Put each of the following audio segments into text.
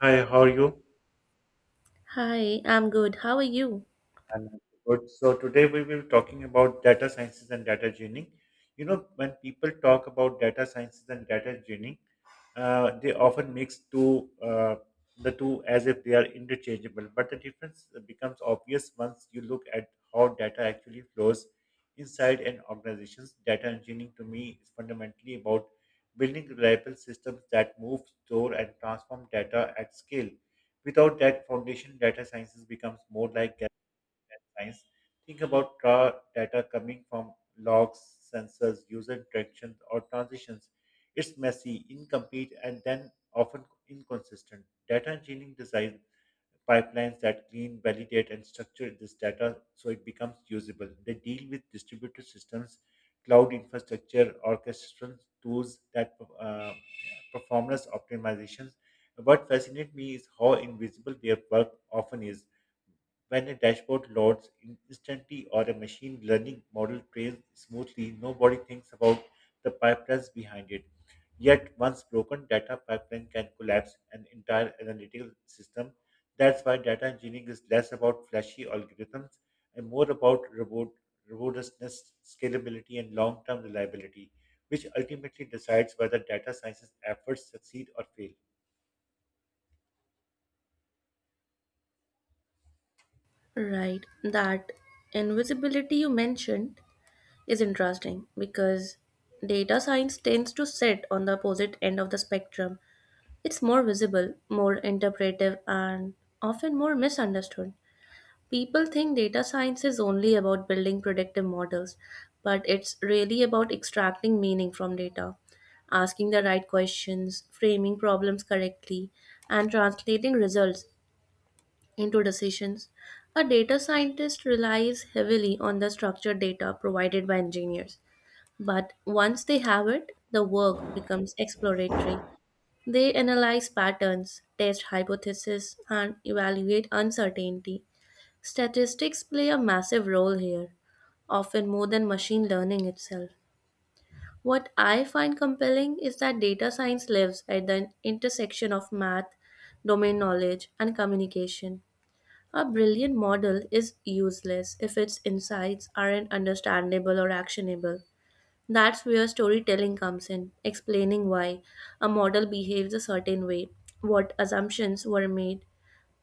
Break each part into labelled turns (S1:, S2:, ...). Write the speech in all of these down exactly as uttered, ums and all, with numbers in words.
S1: Hi, how are you?
S2: Hi, I'm good. How are you?
S1: I'm also good. So today we will be talking about data sciences and data engineering. You know, when people talk about data sciences and data engineering, uh, they often mix two uh, the two as if they are interchangeable. But the difference becomes obvious once you look at how data actually flows inside an organization's data engineering. To me, is fundamentally about building reliable systems that move, store, and transform data at scale. Without that foundation, data sciences becomes more like and science. Think about raw data coming from logs, sensors, user interactions, or transitions. It's messy, incomplete, and then often inconsistent. Data engineering designs pipelines that clean, validate, and structure this data so it becomes usable. They deal with distributed systems, cloud infrastructure, orchestration tools that uh, performance optimizations. What fascinates me is how invisible their work often is. When a dashboard loads in instantly or a machine learning model trails smoothly, nobody thinks about the pipelines behind it. Yet, once broken, data pipeline can collapse an entire analytical system. That's why data engineering is less about flashy algorithms and more about robot, robustness, scalability, and long-term reliability, which ultimately decides whether data science's efforts succeed or fail.
S2: Right. That invisibility you mentioned is interesting because data science tends to sit on the opposite end of the spectrum. It's more visible, more interpretive, and often more misunderstood. People think data science is only about building predictive models, but it's really about extracting meaning from data, asking the right questions, framing problems correctly, and translating results into decisions. A data scientist relies heavily on the structured data provided by engineers, but once they have it, the work becomes exploratory. They analyze patterns, test hypotheses, and evaluate uncertainty. Statistics play a massive role here, often more than machine learning itself. What I find compelling is that data science lives at the intersection of math, domain knowledge, and communication. A brilliant model is useless if its insights aren't understandable or actionable. That's where storytelling comes in, explaining why a model behaves a certain way, what assumptions were made,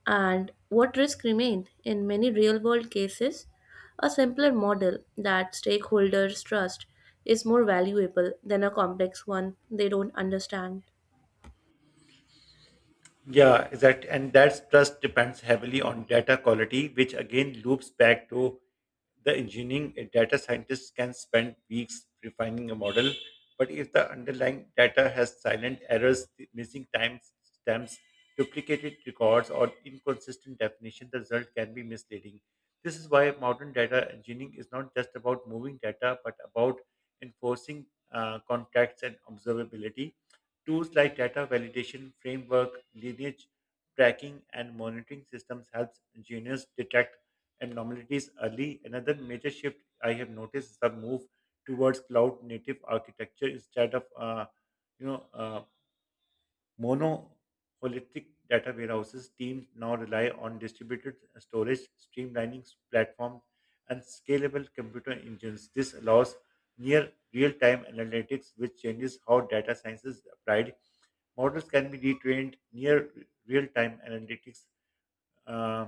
S2: and what risk remained. In many real world cases, a simpler model that stakeholders trust is more valuable than a complex one they don't understand.
S1: Yeah, exact. And that trust depends heavily on data quality, which again loops back to the engineering. A data scientist can spend weeks refining a model, but if the underlying data has silent errors, the missing timestamps, duplicated records, or inconsistent definition, the result can be misleading. This is why modern data engineering is not just about moving data, but about enforcing uh, contracts and observability. Tools like data validation framework, lineage tracking, and monitoring systems helps engineers detect anomalies early. Another major shift I have noticed is the move towards cloud-native architecture instead of uh, you know uh, monolithic data warehouses. Teams now rely on distributed storage, streamlining platforms, and scalable computer engines. This allows near real-time analytics, which changes how data science is applied. Models can be retrained near real-time analytics. Uh,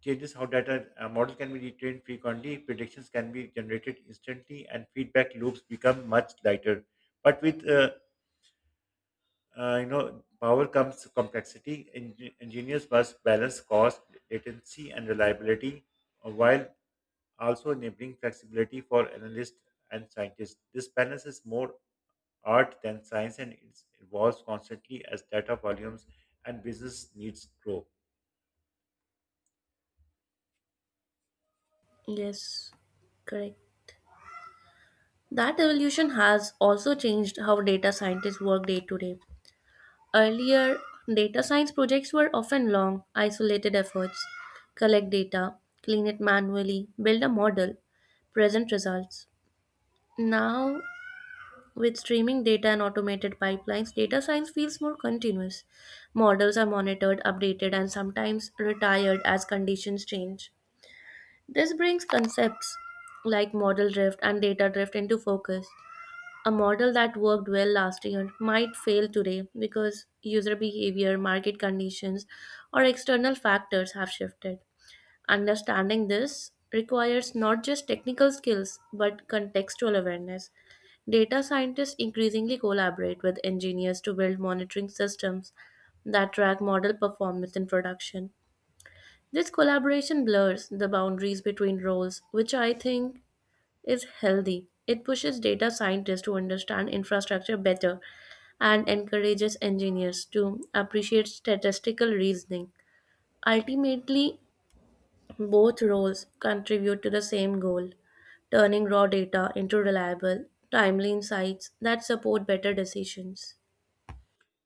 S1: Changes how data a model can be retrained frequently. Predictions can be generated instantly, and feedback loops become much lighter. But with uh, uh, you know power comes complexity. Eng- engineers must balance cost, latency, and reliability, uh, while also enabling flexibility for analysts and scientists. This balance is more art than science and it evolves constantly as data volumes and business needs grow.
S2: Yes, correct. That evolution has also changed how data scientists work day to day. Earlier, data science projects were often long, isolated efforts collect data, clean it manually, build a model, present results. Now, with streaming data and automated pipelines, data science feels more continuous. Models are monitored, updated, and sometimes retired as conditions change. This brings concepts like model drift and data drift into focus. A model that worked well last year might fail today because user behavior, market conditions, or external factors have shifted. Understanding this requires not just technical skills but contextual awareness. Data scientists increasingly collaborate with engineers to build monitoring systems that track model performance in production. This collaboration blurs the boundaries between roles, which I think is healthy. It pushes data scientists to understand infrastructure better and encourages engineers to appreciate statistical reasoning. Ultimately, both roles contribute to the same goal turning raw data into reliable, timely insights that support better decisions.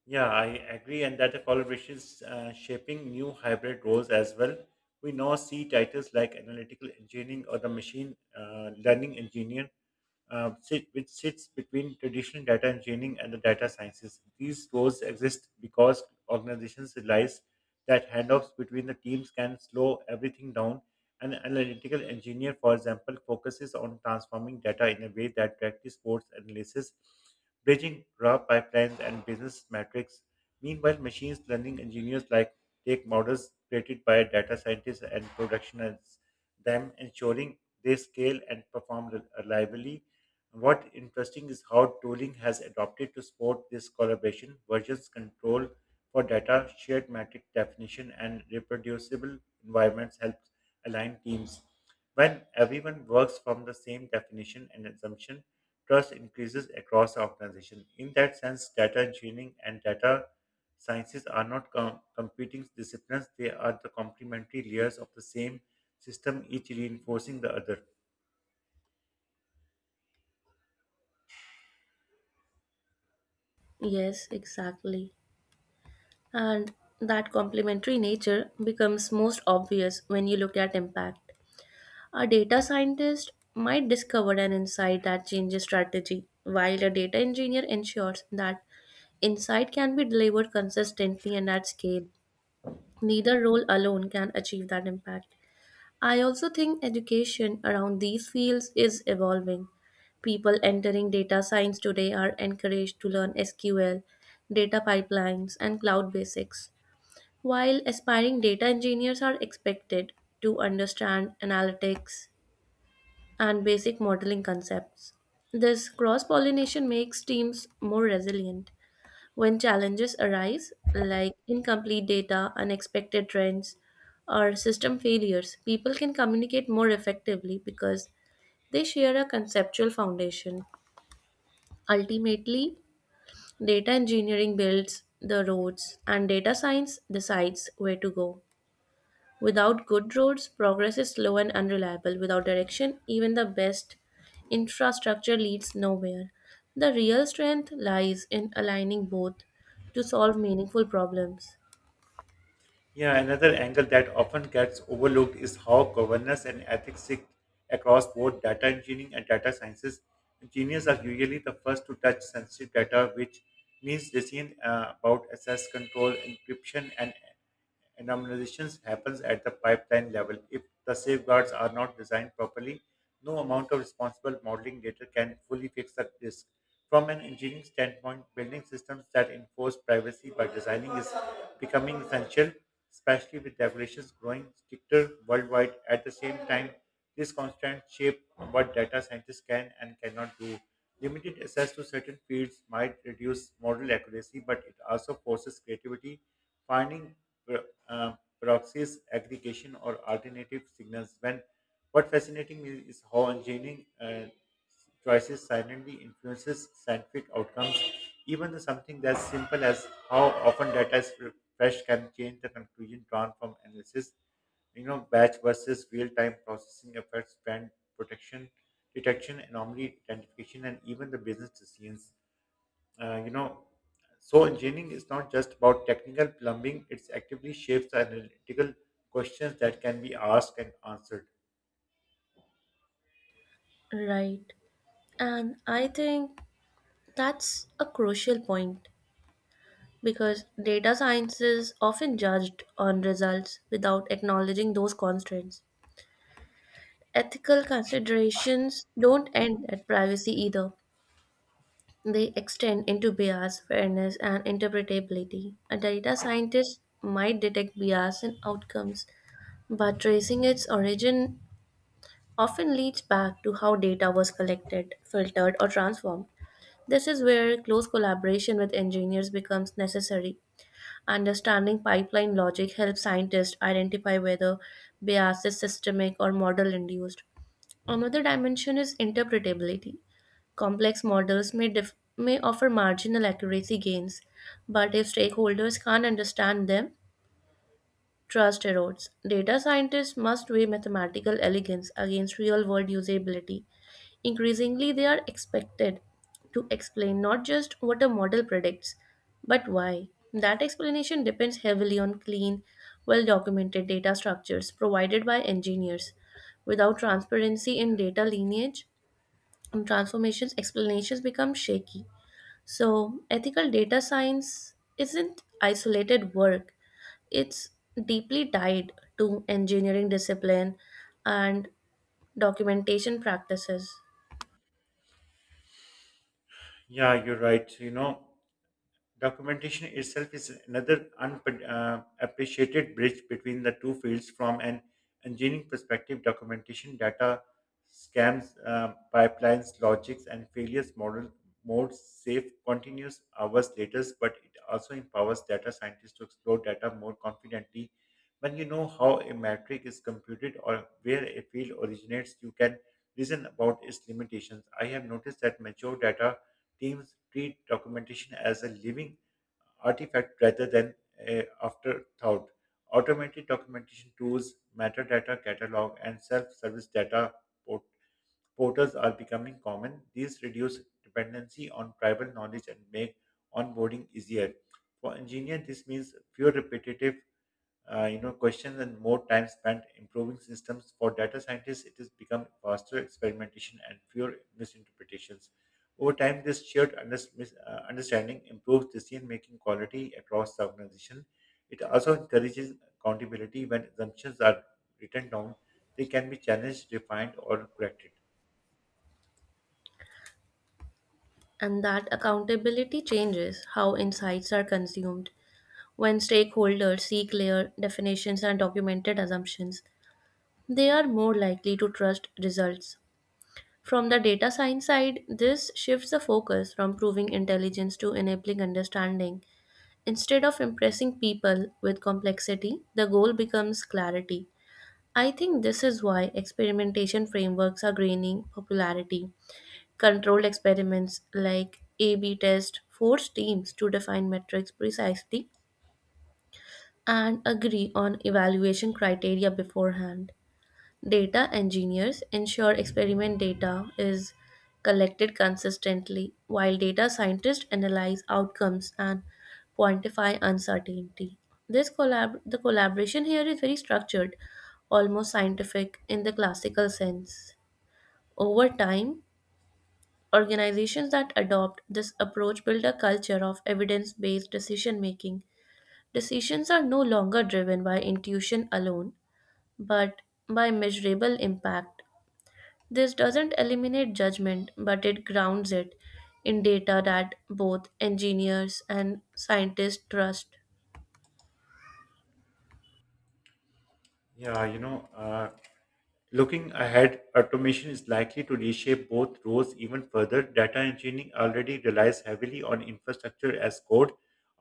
S1: Yeah, I agree, and that the collaboration is uh, shaping new hybrid roles as well. We now see titles like analytical engineering or the machine uh, learning engineer, uh, sit, which sits between traditional data engineering and the data sciences. These roles exist because organizations realize that handoffs between the teams can slow everything down. An analytical engineer, for example, focuses on transforming data in a way that directly supports analysis bridging raw pipelines and business metrics. Meanwhile, machines learning engineers like take models created by data scientists and productionize them, ensuring they scale and perform rel- reliably. What interesting is how tooling has adopted to support this collaboration, versions control for data, shared metric definition, and reproducible environments helps align teams. When everyone works from the same definition and assumption, trust increases across the organization. In that sense, data engineering and data sciences are not com- competing disciplines, they are the complementary layers of the same system, each reinforcing the other.
S2: Yes, exactly. And that complementary nature becomes most obvious when you look at impact. A data scientist might discover an insight that changes strategy, while a data engineer ensures that insight can be delivered consistently and at scale. Neither role alone can achieve that impact. I also think education around these fields is evolving. People entering data science today are encouraged to learn sequel, data pipelines, and cloud basics, while aspiring data engineers are expected to understand analytics, and basic modeling concepts. This cross pollination makes teams more resilient when challenges arise, like incomplete data, unexpected trends, or system failures. People can communicate more effectively because they share a conceptual foundation. Ultimately, data engineering builds the roads, and data science decides where to go. Without good roads, progress is slow and unreliable. Without direction, even the best infrastructure leads nowhere. The real strength lies in aligning both to solve meaningful problems.
S1: Yeah, another angle that often gets overlooked is how governance and ethics sit across both data engineering and data sciences. Engineers are usually the first to touch sensitive data, which means decision uh, about access control, encryption, and anonymizations happens at the pipeline level. If the safeguards are not designed properly, no amount of responsible modeling data can fully fix that risk. From an engineering standpoint, building systems that enforce privacy by designing is becoming essential, especially with regulations growing stricter worldwide. At the same time, this constant shape of what data scientists can and cannot do. Limited access to certain fields might reduce model accuracy, but it also forces creativity, finding pro- uh, proxies, aggregation, or alternative signals. When what fascinating me is how engineering uh, choices silently influences scientific outcomes. Even the something as simple as how often data is refreshed can change the conclusion drawn from analysis. You know, batch versus real-time processing affects brand protection, detection, anomaly identification, and even the business decisions. Uh, you know, so engineering is not just about technical plumbing; it actively shapes the analytical questions that can be asked and answered.
S2: Right. And I think that's a crucial point because data science is often judged on results without acknowledging those constraints. Ethical considerations don't end at privacy either. They extend into bias, fairness, and interpretability. A data scientist might detect bias in outcomes, but tracing its origin often leads back to how data was collected, filtered, or transformed. This is where close collaboration with engineers becomes necessary. Understanding pipeline logic helps scientists identify whether bias is systemic or model induced. Another dimension is interpretability. Complex models may, dif- may offer marginal accuracy gains, but if stakeholders can't understand them, trust erodes. Data scientists must weigh mathematical elegance against real world usability. Increasingly, they are expected to explain not just what a model predicts, but why. That explanation depends heavily on clean, well documented data structures provided by engineers. Without transparency in data lineage and transformations, explanations become shaky. So, ethical data science isn't isolated work, it's deeply tied to engineering discipline and documentation practices.
S1: Yeah, you're right. You know, Documentation itself is another unappreciated bridge between the two fields. From an engineering perspective, documentation data scams, uh, pipelines, logics, and failures model modes save continuous hours later, but it also empowers data scientists to explore data more confidently. When you know how a metric is computed or where a field originates, you can reason about its limitations. I have noticed that mature data teams treat documentation as a living artifact rather than a afterthought. Automated documentation tools, metadata catalog, and self-service data port- portals are becoming common. These reduce dependency on tribal knowledge and make onboarding easier. For engineers, this means fewer repetitive uh, you know, questions and more time spent improving systems. For data scientists, it has become faster experimentation and fewer misinterpretations. Over time, this shared under- mis- uh, understanding improves decision-making quality across the organization. It also encourages accountability when assumptions are written down. They can be challenged, refined, or corrected.
S2: And that accountability changes how insights are consumed. When stakeholders see clear definitions and documented assumptions, they are more likely to trust results. From the data science side, this shifts the focus from proving intelligence to enabling understanding. Instead of impressing people with complexity, the goal becomes clarity. I think this is why experimentation frameworks are gaining popularity. Controlled experiments like A B test force teams to define metrics precisely and agree on evaluation criteria beforehand. Data engineers ensure experiment data is collected consistently, while data scientists analyze outcomes and quantify uncertainty. This collab- the collaboration here is very structured, almost scientific in the classical sense. Over time, organizations that adopt this approach build a culture of evidence based decision making. Decisions are no longer driven by intuition alone, but by measurable impact. This doesn't eliminate judgment, but it grounds it in data that both engineers and scientists trust.
S1: Yeah, you know, uh, Looking ahead, automation is likely to reshape both roles even further. Data engineering already relies heavily on infrastructure as code,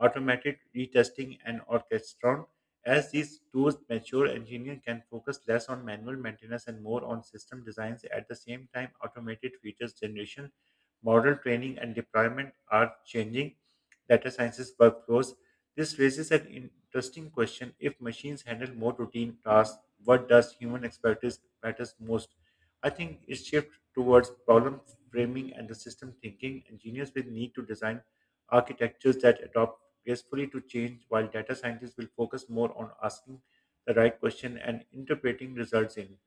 S1: automated retesting, and orchestron. As these tools mature, engineers can focus less on manual maintenance and more on system designs. At the same time, automated features generation, model training, and deployment are changing data sciences workflows. This raises an interesting question. If machines handle more routine tasks, what does human expertise matters most? I think it shifts towards problem framing and the system thinking. Engineers will need to design architectures that adopt gracefully to change, while data scientists will focus more on asking the right question and interpreting results in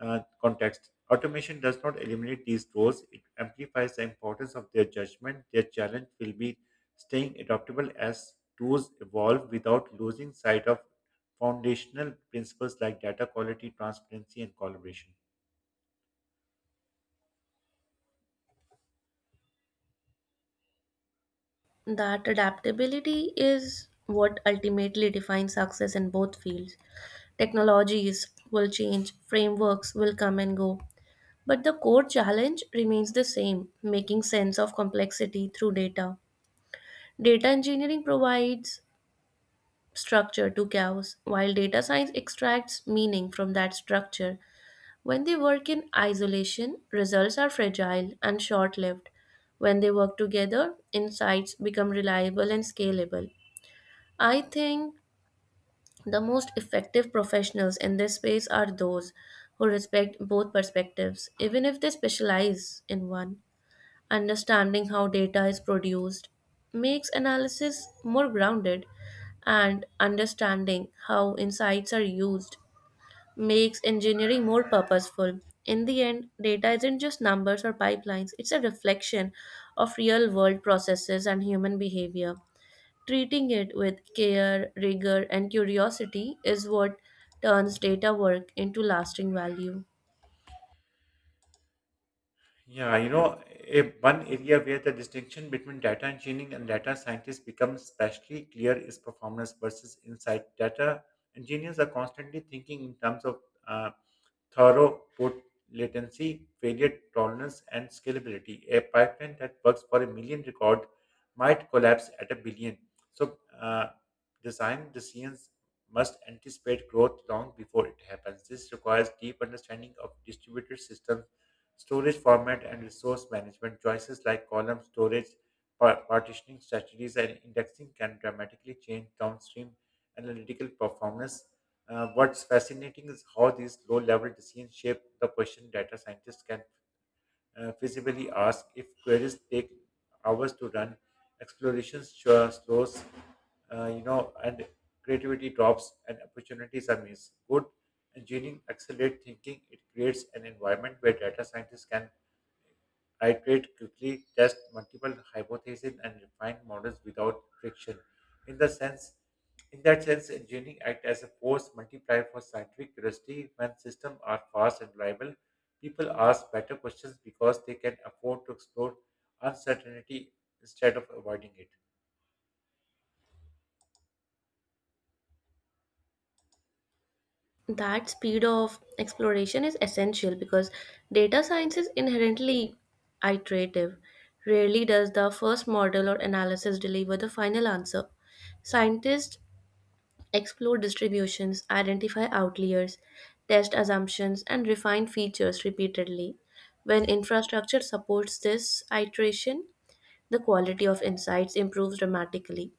S1: uh, context. Automation does not eliminate these roles, it amplifies the importance of their judgment. Their challenge will be staying adaptable as tools evolve without losing sight of foundational principles like data quality, transparency, and collaboration.
S2: That adaptability is what ultimately defines success in both fields. Technologies will change, frameworks will come and go, but the core challenge remains the same making sense of complexity through data. Data engineering provides structure to chaos, while data science extracts meaning from that structure. When they work in isolation, results are fragile and short lived. When they work together, insights become reliable and scalable. I think the most effective professionals in this space are those who respect both perspectives, even if they specialize in one. Understanding how data is produced makes analysis more grounded, and understanding how insights are used makes engineering more purposeful. In the end, data isn't just numbers or pipelines, it's a reflection of real world processes and human behavior. Treating it with care, rigor, and curiosity is what turns data work into lasting value.
S1: Yeah, you know, a, one area where the distinction between data engineering and data scientists becomes especially clear is performance versus insight. Data engineers are constantly thinking in terms of uh, throughput, latency, failure tolerance, and scalability. A pipeline that works for a million record might collapse at a billion. So, uh, Design decisions must anticipate growth long before it happens. This requires deep understanding of distributed systems, storage format, and resource management. Choices like column storage, par- partitioning strategies, and indexing can dramatically change downstream analytical performance. Uh, what's fascinating is how these low level decisions shape the question data scientists can uh, feasibly ask if queries take hours to run, explorations sure slows, uh, you know, and creativity drops and opportunities are missed. Good engineering accelerates thinking. It creates an environment where data scientists can iterate quickly, test multiple hypotheses, and refine models without friction. In the sense, in that sense, engineering acts as a force multiplier for scientific curiosity. When systems are fast and reliable, people ask better questions because they can afford to explore uncertainty instead of avoiding it.
S2: That speed of exploration is essential because data science is inherently iterative. Rarely does the first model or analysis deliver the final answer. Scientists explore distributions, identify outliers, test assumptions, and refine features repeatedly. When infrastructure supports this iteration, the quality of insights improves dramatically.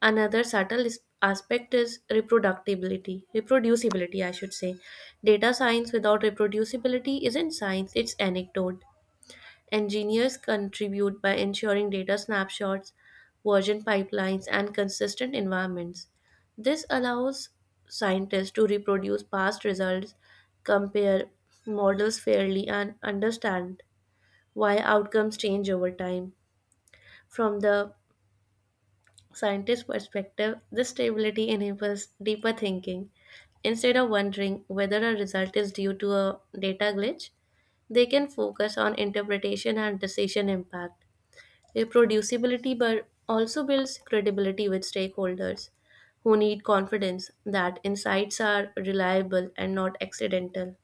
S2: Another subtle is- aspect is reproductibility, reproducibility, I should say. Data science without reproducibility isn't science, it's anecdote. Engineers contribute by ensuring data snapshots, version pipelines, and consistent environments. This allows scientists to reproduce past results, compare models fairly, and understand why outcomes change over time. From the scientist's perspective, this stability enables deeper thinking. Instead of wondering whether a result is due to a data glitch, they can focus on interpretation and decision impact. Reproducibility but also builds credibility with stakeholders who need confidence that insights are reliable and not accidental.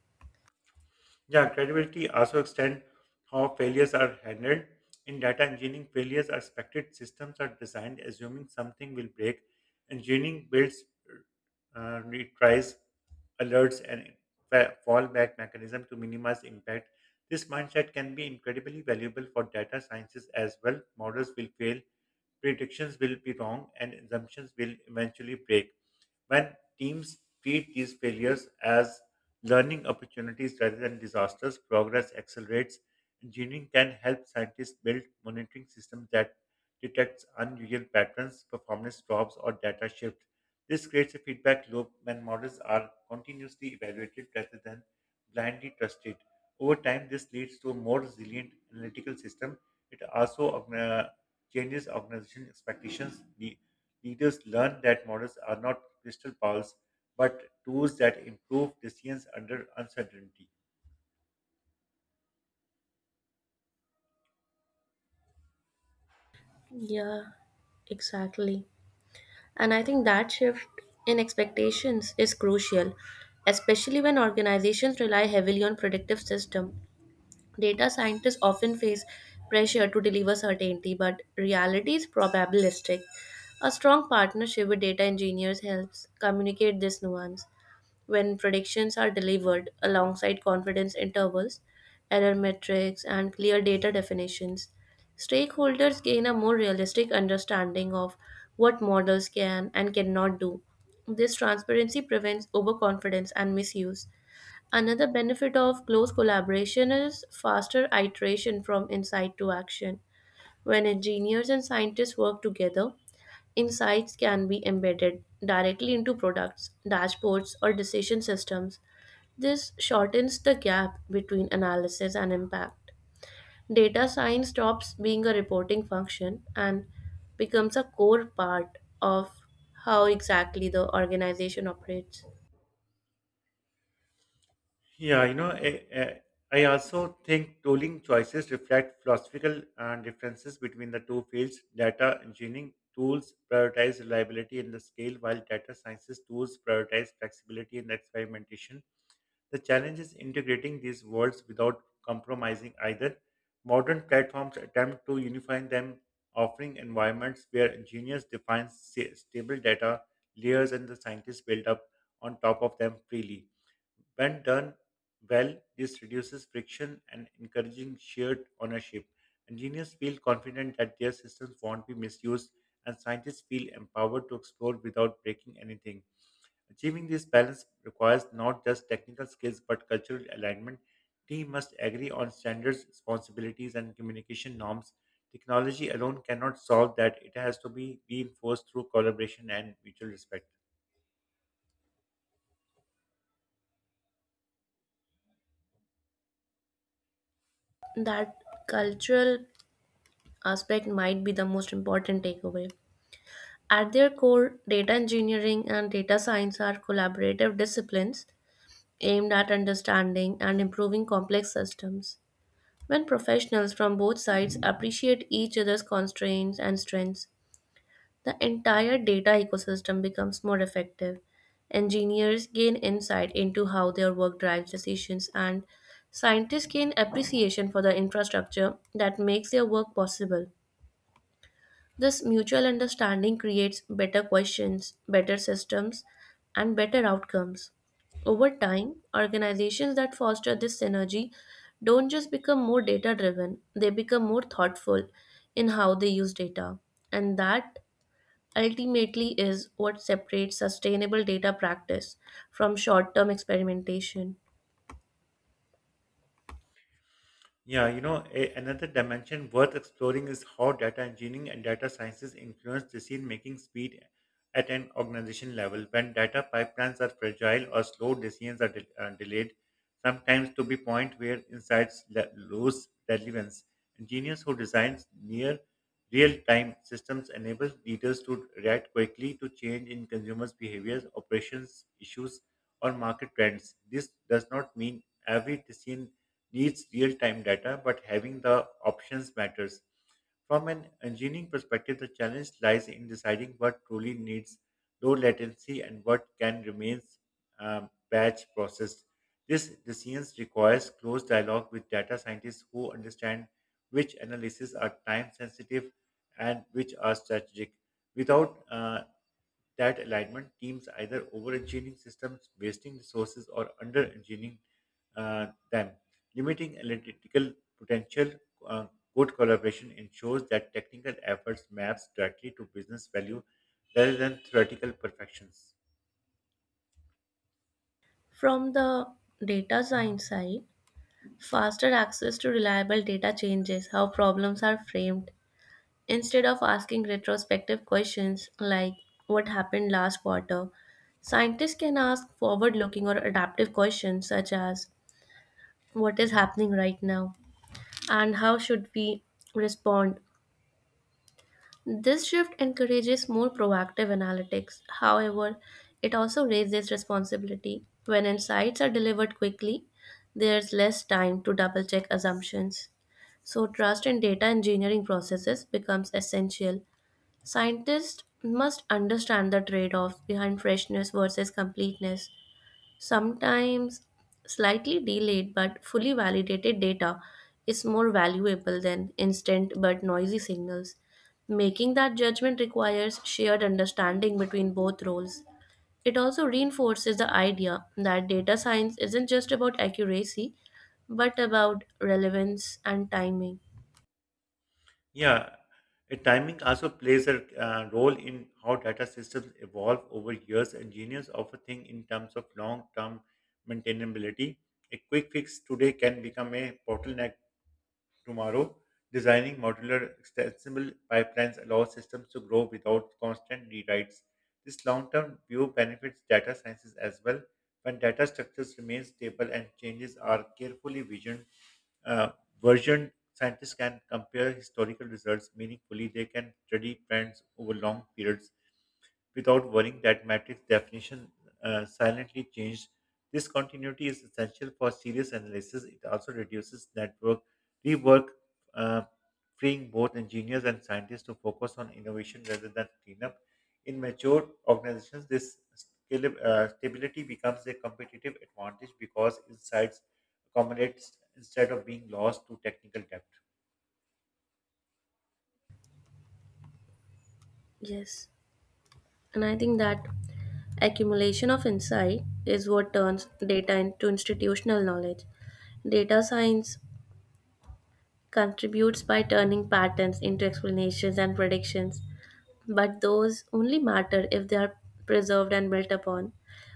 S1: Yeah, credibility also extends how failures are handled. In data engineering, failures are expected. Systems are designed assuming something will break. Engineering builds uh, retries, alerts, and fa- fallback mechanism to minimize impact. This mindset can be incredibly valuable for data sciences as well. Models will fail, predictions will be wrong, and assumptions will eventually break when teams treat these failures as learning opportunities rather than disasters, progress accelerates. Engineering can help scientists build monitoring systems that detects unusual patterns, performance drops, or data shifts. This creates a feedback loop when models are continuously evaluated rather than blindly trusted. Over time, this leads to a more resilient analytical system. It also uh, changes organization expectations. The leaders learn that models are not crystal balls but tools that improve decisions under uncertainty.
S2: Yeah, exactly. And I think that shift in expectations is crucial, especially when organizations rely heavily on predictive systems. Data scientists often face pressure to deliver certainty, but reality is probabilistic. A strong partnership with data engineers helps communicate this nuance. When predictions are delivered alongside confidence intervals, error metrics, and clear data definitions, stakeholders gain a more realistic understanding of what models can and cannot do. This transparency prevents overconfidence and misuse. Another benefit of close collaboration is faster iteration from insight to action. When engineers and scientists work together, insights can be embedded directly into products, dashboards, or decision systems. This shortens the gap between analysis and impact. Data science stops being a reporting function and becomes a core part of how exactly the organization operates.
S1: Yeah, you know, I, I I also think tooling choices reflect philosophical uh, differences between the two fields. Data engineering tools prioritize reliability and the scale, while data sciences tools prioritize flexibility and experimentation. The challenge is integrating these worlds without compromising either. Modern platforms attempt to unify them, offering environments where engineers define sa- stable data layers and the scientists build up on top of them freely. When done well, this reduces friction and encouraging shared ownership. Engineers feel confident that their systems won't be misused, and scientists feel empowered to explore without breaking anything. Achieving this balance requires not just technical skills but cultural alignment. Teams must agree on standards, responsibilities, and communication norms. Technology alone cannot solve that. It has to be reinforced through collaboration and mutual respect.
S2: That cultural aspect might be the most important takeaway. At their core, data engineering and data science are collaborative disciplines aimed at understanding and improving complex systems. When professionals from both sides appreciate each other's constraints and strengths, the entire data ecosystem becomes more effective. Engineers gain insight into how their work drives decisions, and scientists gain appreciation for the infrastructure that makes their work possible. This mutual understanding creates better questions, better systems, and better outcomes. Over time, organizations that foster this synergy don't just become more data driven, they become more thoughtful in how they use data. And that ultimately is what separates sustainable data practice from short term experimentation.
S1: Yeah, you know, a, another dimension worth exploring is how data engineering and data sciences influence decision making speed at an organization level. When data pipelines are fragile or slow, decisions are de- uh, delayed, sometimes to the point where insights le- lose relevance. Engineers who design near real time systems enable leaders to react quickly to change in consumers' behaviors, operations issues, or market trends. This does not mean every decision needs real-time data, but having the options matters. From an engineering perspective, the challenge lies in deciding what truly needs low latency and what can remain um, batch processed. This decision requires close dialogue with data scientists who understand which analyses are time sensitive and which are strategic. Without uh, that alignment teams either over-engineering systems, wasting resources, or under-engineering uh, them. Limiting analytical potential, uh, good collaboration ensures that technical efforts maps directly to business value rather than theoretical perfections.
S2: From the data science side, faster access to reliable data changes how problems are framed. Instead of asking retrospective questions like what happened last quarter, scientists can ask forward looking or adaptive questions such as what is happening right now and how should we respond. This shift encourages more proactive analytics. However, it also raises responsibility. When insights are delivered quickly, there's less time to double check assumptions. So, trust in data engineering processes becomes essential. Scientists must understand the trade off behind freshness versus completeness. Sometimes slightly delayed but fully validated data is more valuable than instant but noisy signals. Making that judgment requires shared understanding between both roles. It also reinforces the idea that data science isn't just about accuracy, but about relevance and timing.
S1: Yeah, uh, Timing also plays a uh, role in how data systems evolve over years. Engineers often think in terms of long-term maintainability. A quick fix today can become a bottleneck tomorrow. Designing modular, extensible pipelines allows systems to grow without constant rewrites. This long-term view benefits data sciences as well. When data structures remain stable and changes are carefully visioned, uh, versioned, scientists can compare historical results meaningfully. They can study trends over long periods without worrying that matrix definition uh, silently changed. This continuity is essential for serious analysis. It also reduces network rework, uh, freeing both engineers and scientists to focus on innovation rather than cleanup. In mature organizations, this scale, uh, stability becomes a competitive advantage because insights accumulate instead of being lost to technical debt.
S2: Yes, and I think that accumulation of insight is what turns data into institutional knowledge. Data science contributes by turning patterns into explanations and predictions, but those only matter if they are preserved and built upon.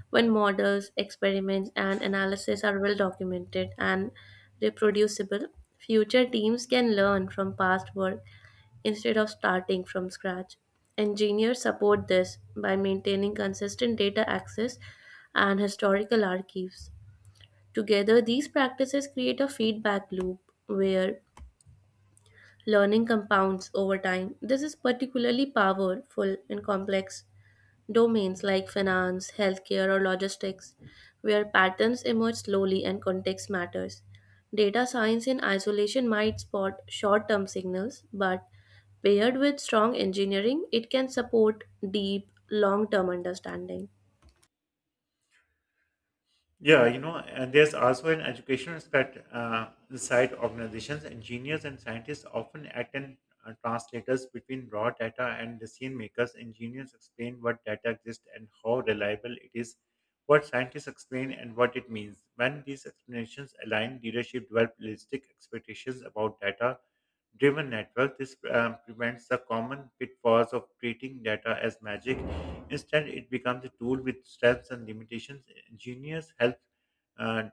S2: When models, experiments, and analysis are well documented and reproducible, future teams can learn from past work instead of starting from scratch. Engineers support this by maintaining consistent data access and historical archives. Together, these practices create a feedback loop where learning compounds over time. This is particularly powerful in complex domains like finance, healthcare, or logistics, where patterns emerge slowly and context matters. Data science in isolation might spot short term signals, but paired with strong engineering, it can support deep, long term understanding.
S1: Yeah, you know, and there's also an educational aspect uh, inside organizations. Engineers and scientists often act as uh, translators between raw data and decision makers. Engineers explain what data exists and how reliable it is, what scientists explain and what it means. When these explanations align, leadership develop realistic expectations about data driven network. This um, prevents the common pitfalls of treating data as magic. Instead, it becomes a tool with strengths and limitations. Engineers help, uh,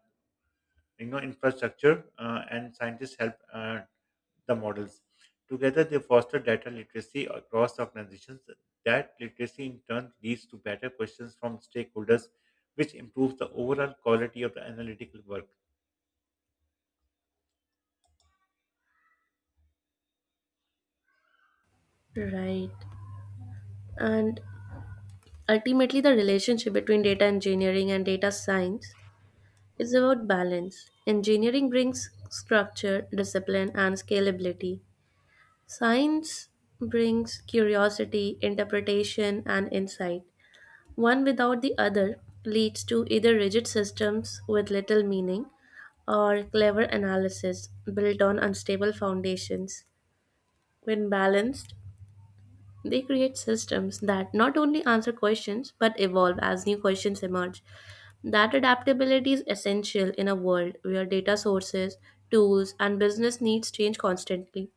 S1: you know, infrastructure, uh, and scientists help uh, the models. Together, they foster data literacy across organizations. That literacy, in turn, leads to better questions from stakeholders, which improves the overall quality of the analytical work.
S2: Right. And ultimately, the relationship between data engineering and data science is about balance. Engineering brings structure, discipline, and scalability. Science brings curiosity, interpretation, and insight. One without the other leads to either rigid systems with little meaning or clever analysis built on unstable foundations. When balanced, they create systems that not only answer questions but evolve as new questions emerge. That adaptability is essential in a world where data sources, tools, and business needs change constantly.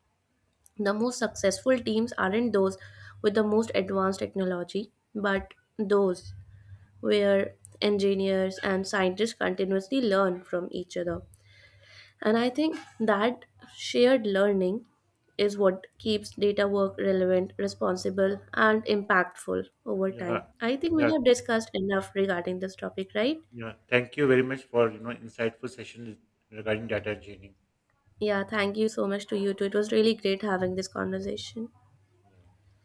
S2: The most successful teams aren't those with the most advanced technology, but those where engineers and scientists continuously learn from each other. And I think that shared learning is what keeps data work relevant, responsible, and impactful over time.
S1: Yeah,
S2: I think we
S1: yeah.
S2: have discussed enough regarding this topic, right?
S1: Yeah, thank you very much for you know insightful session regarding data engineering.
S2: Yeah, thank you so much to you too. It was really great having this conversation.
S1: Yeah.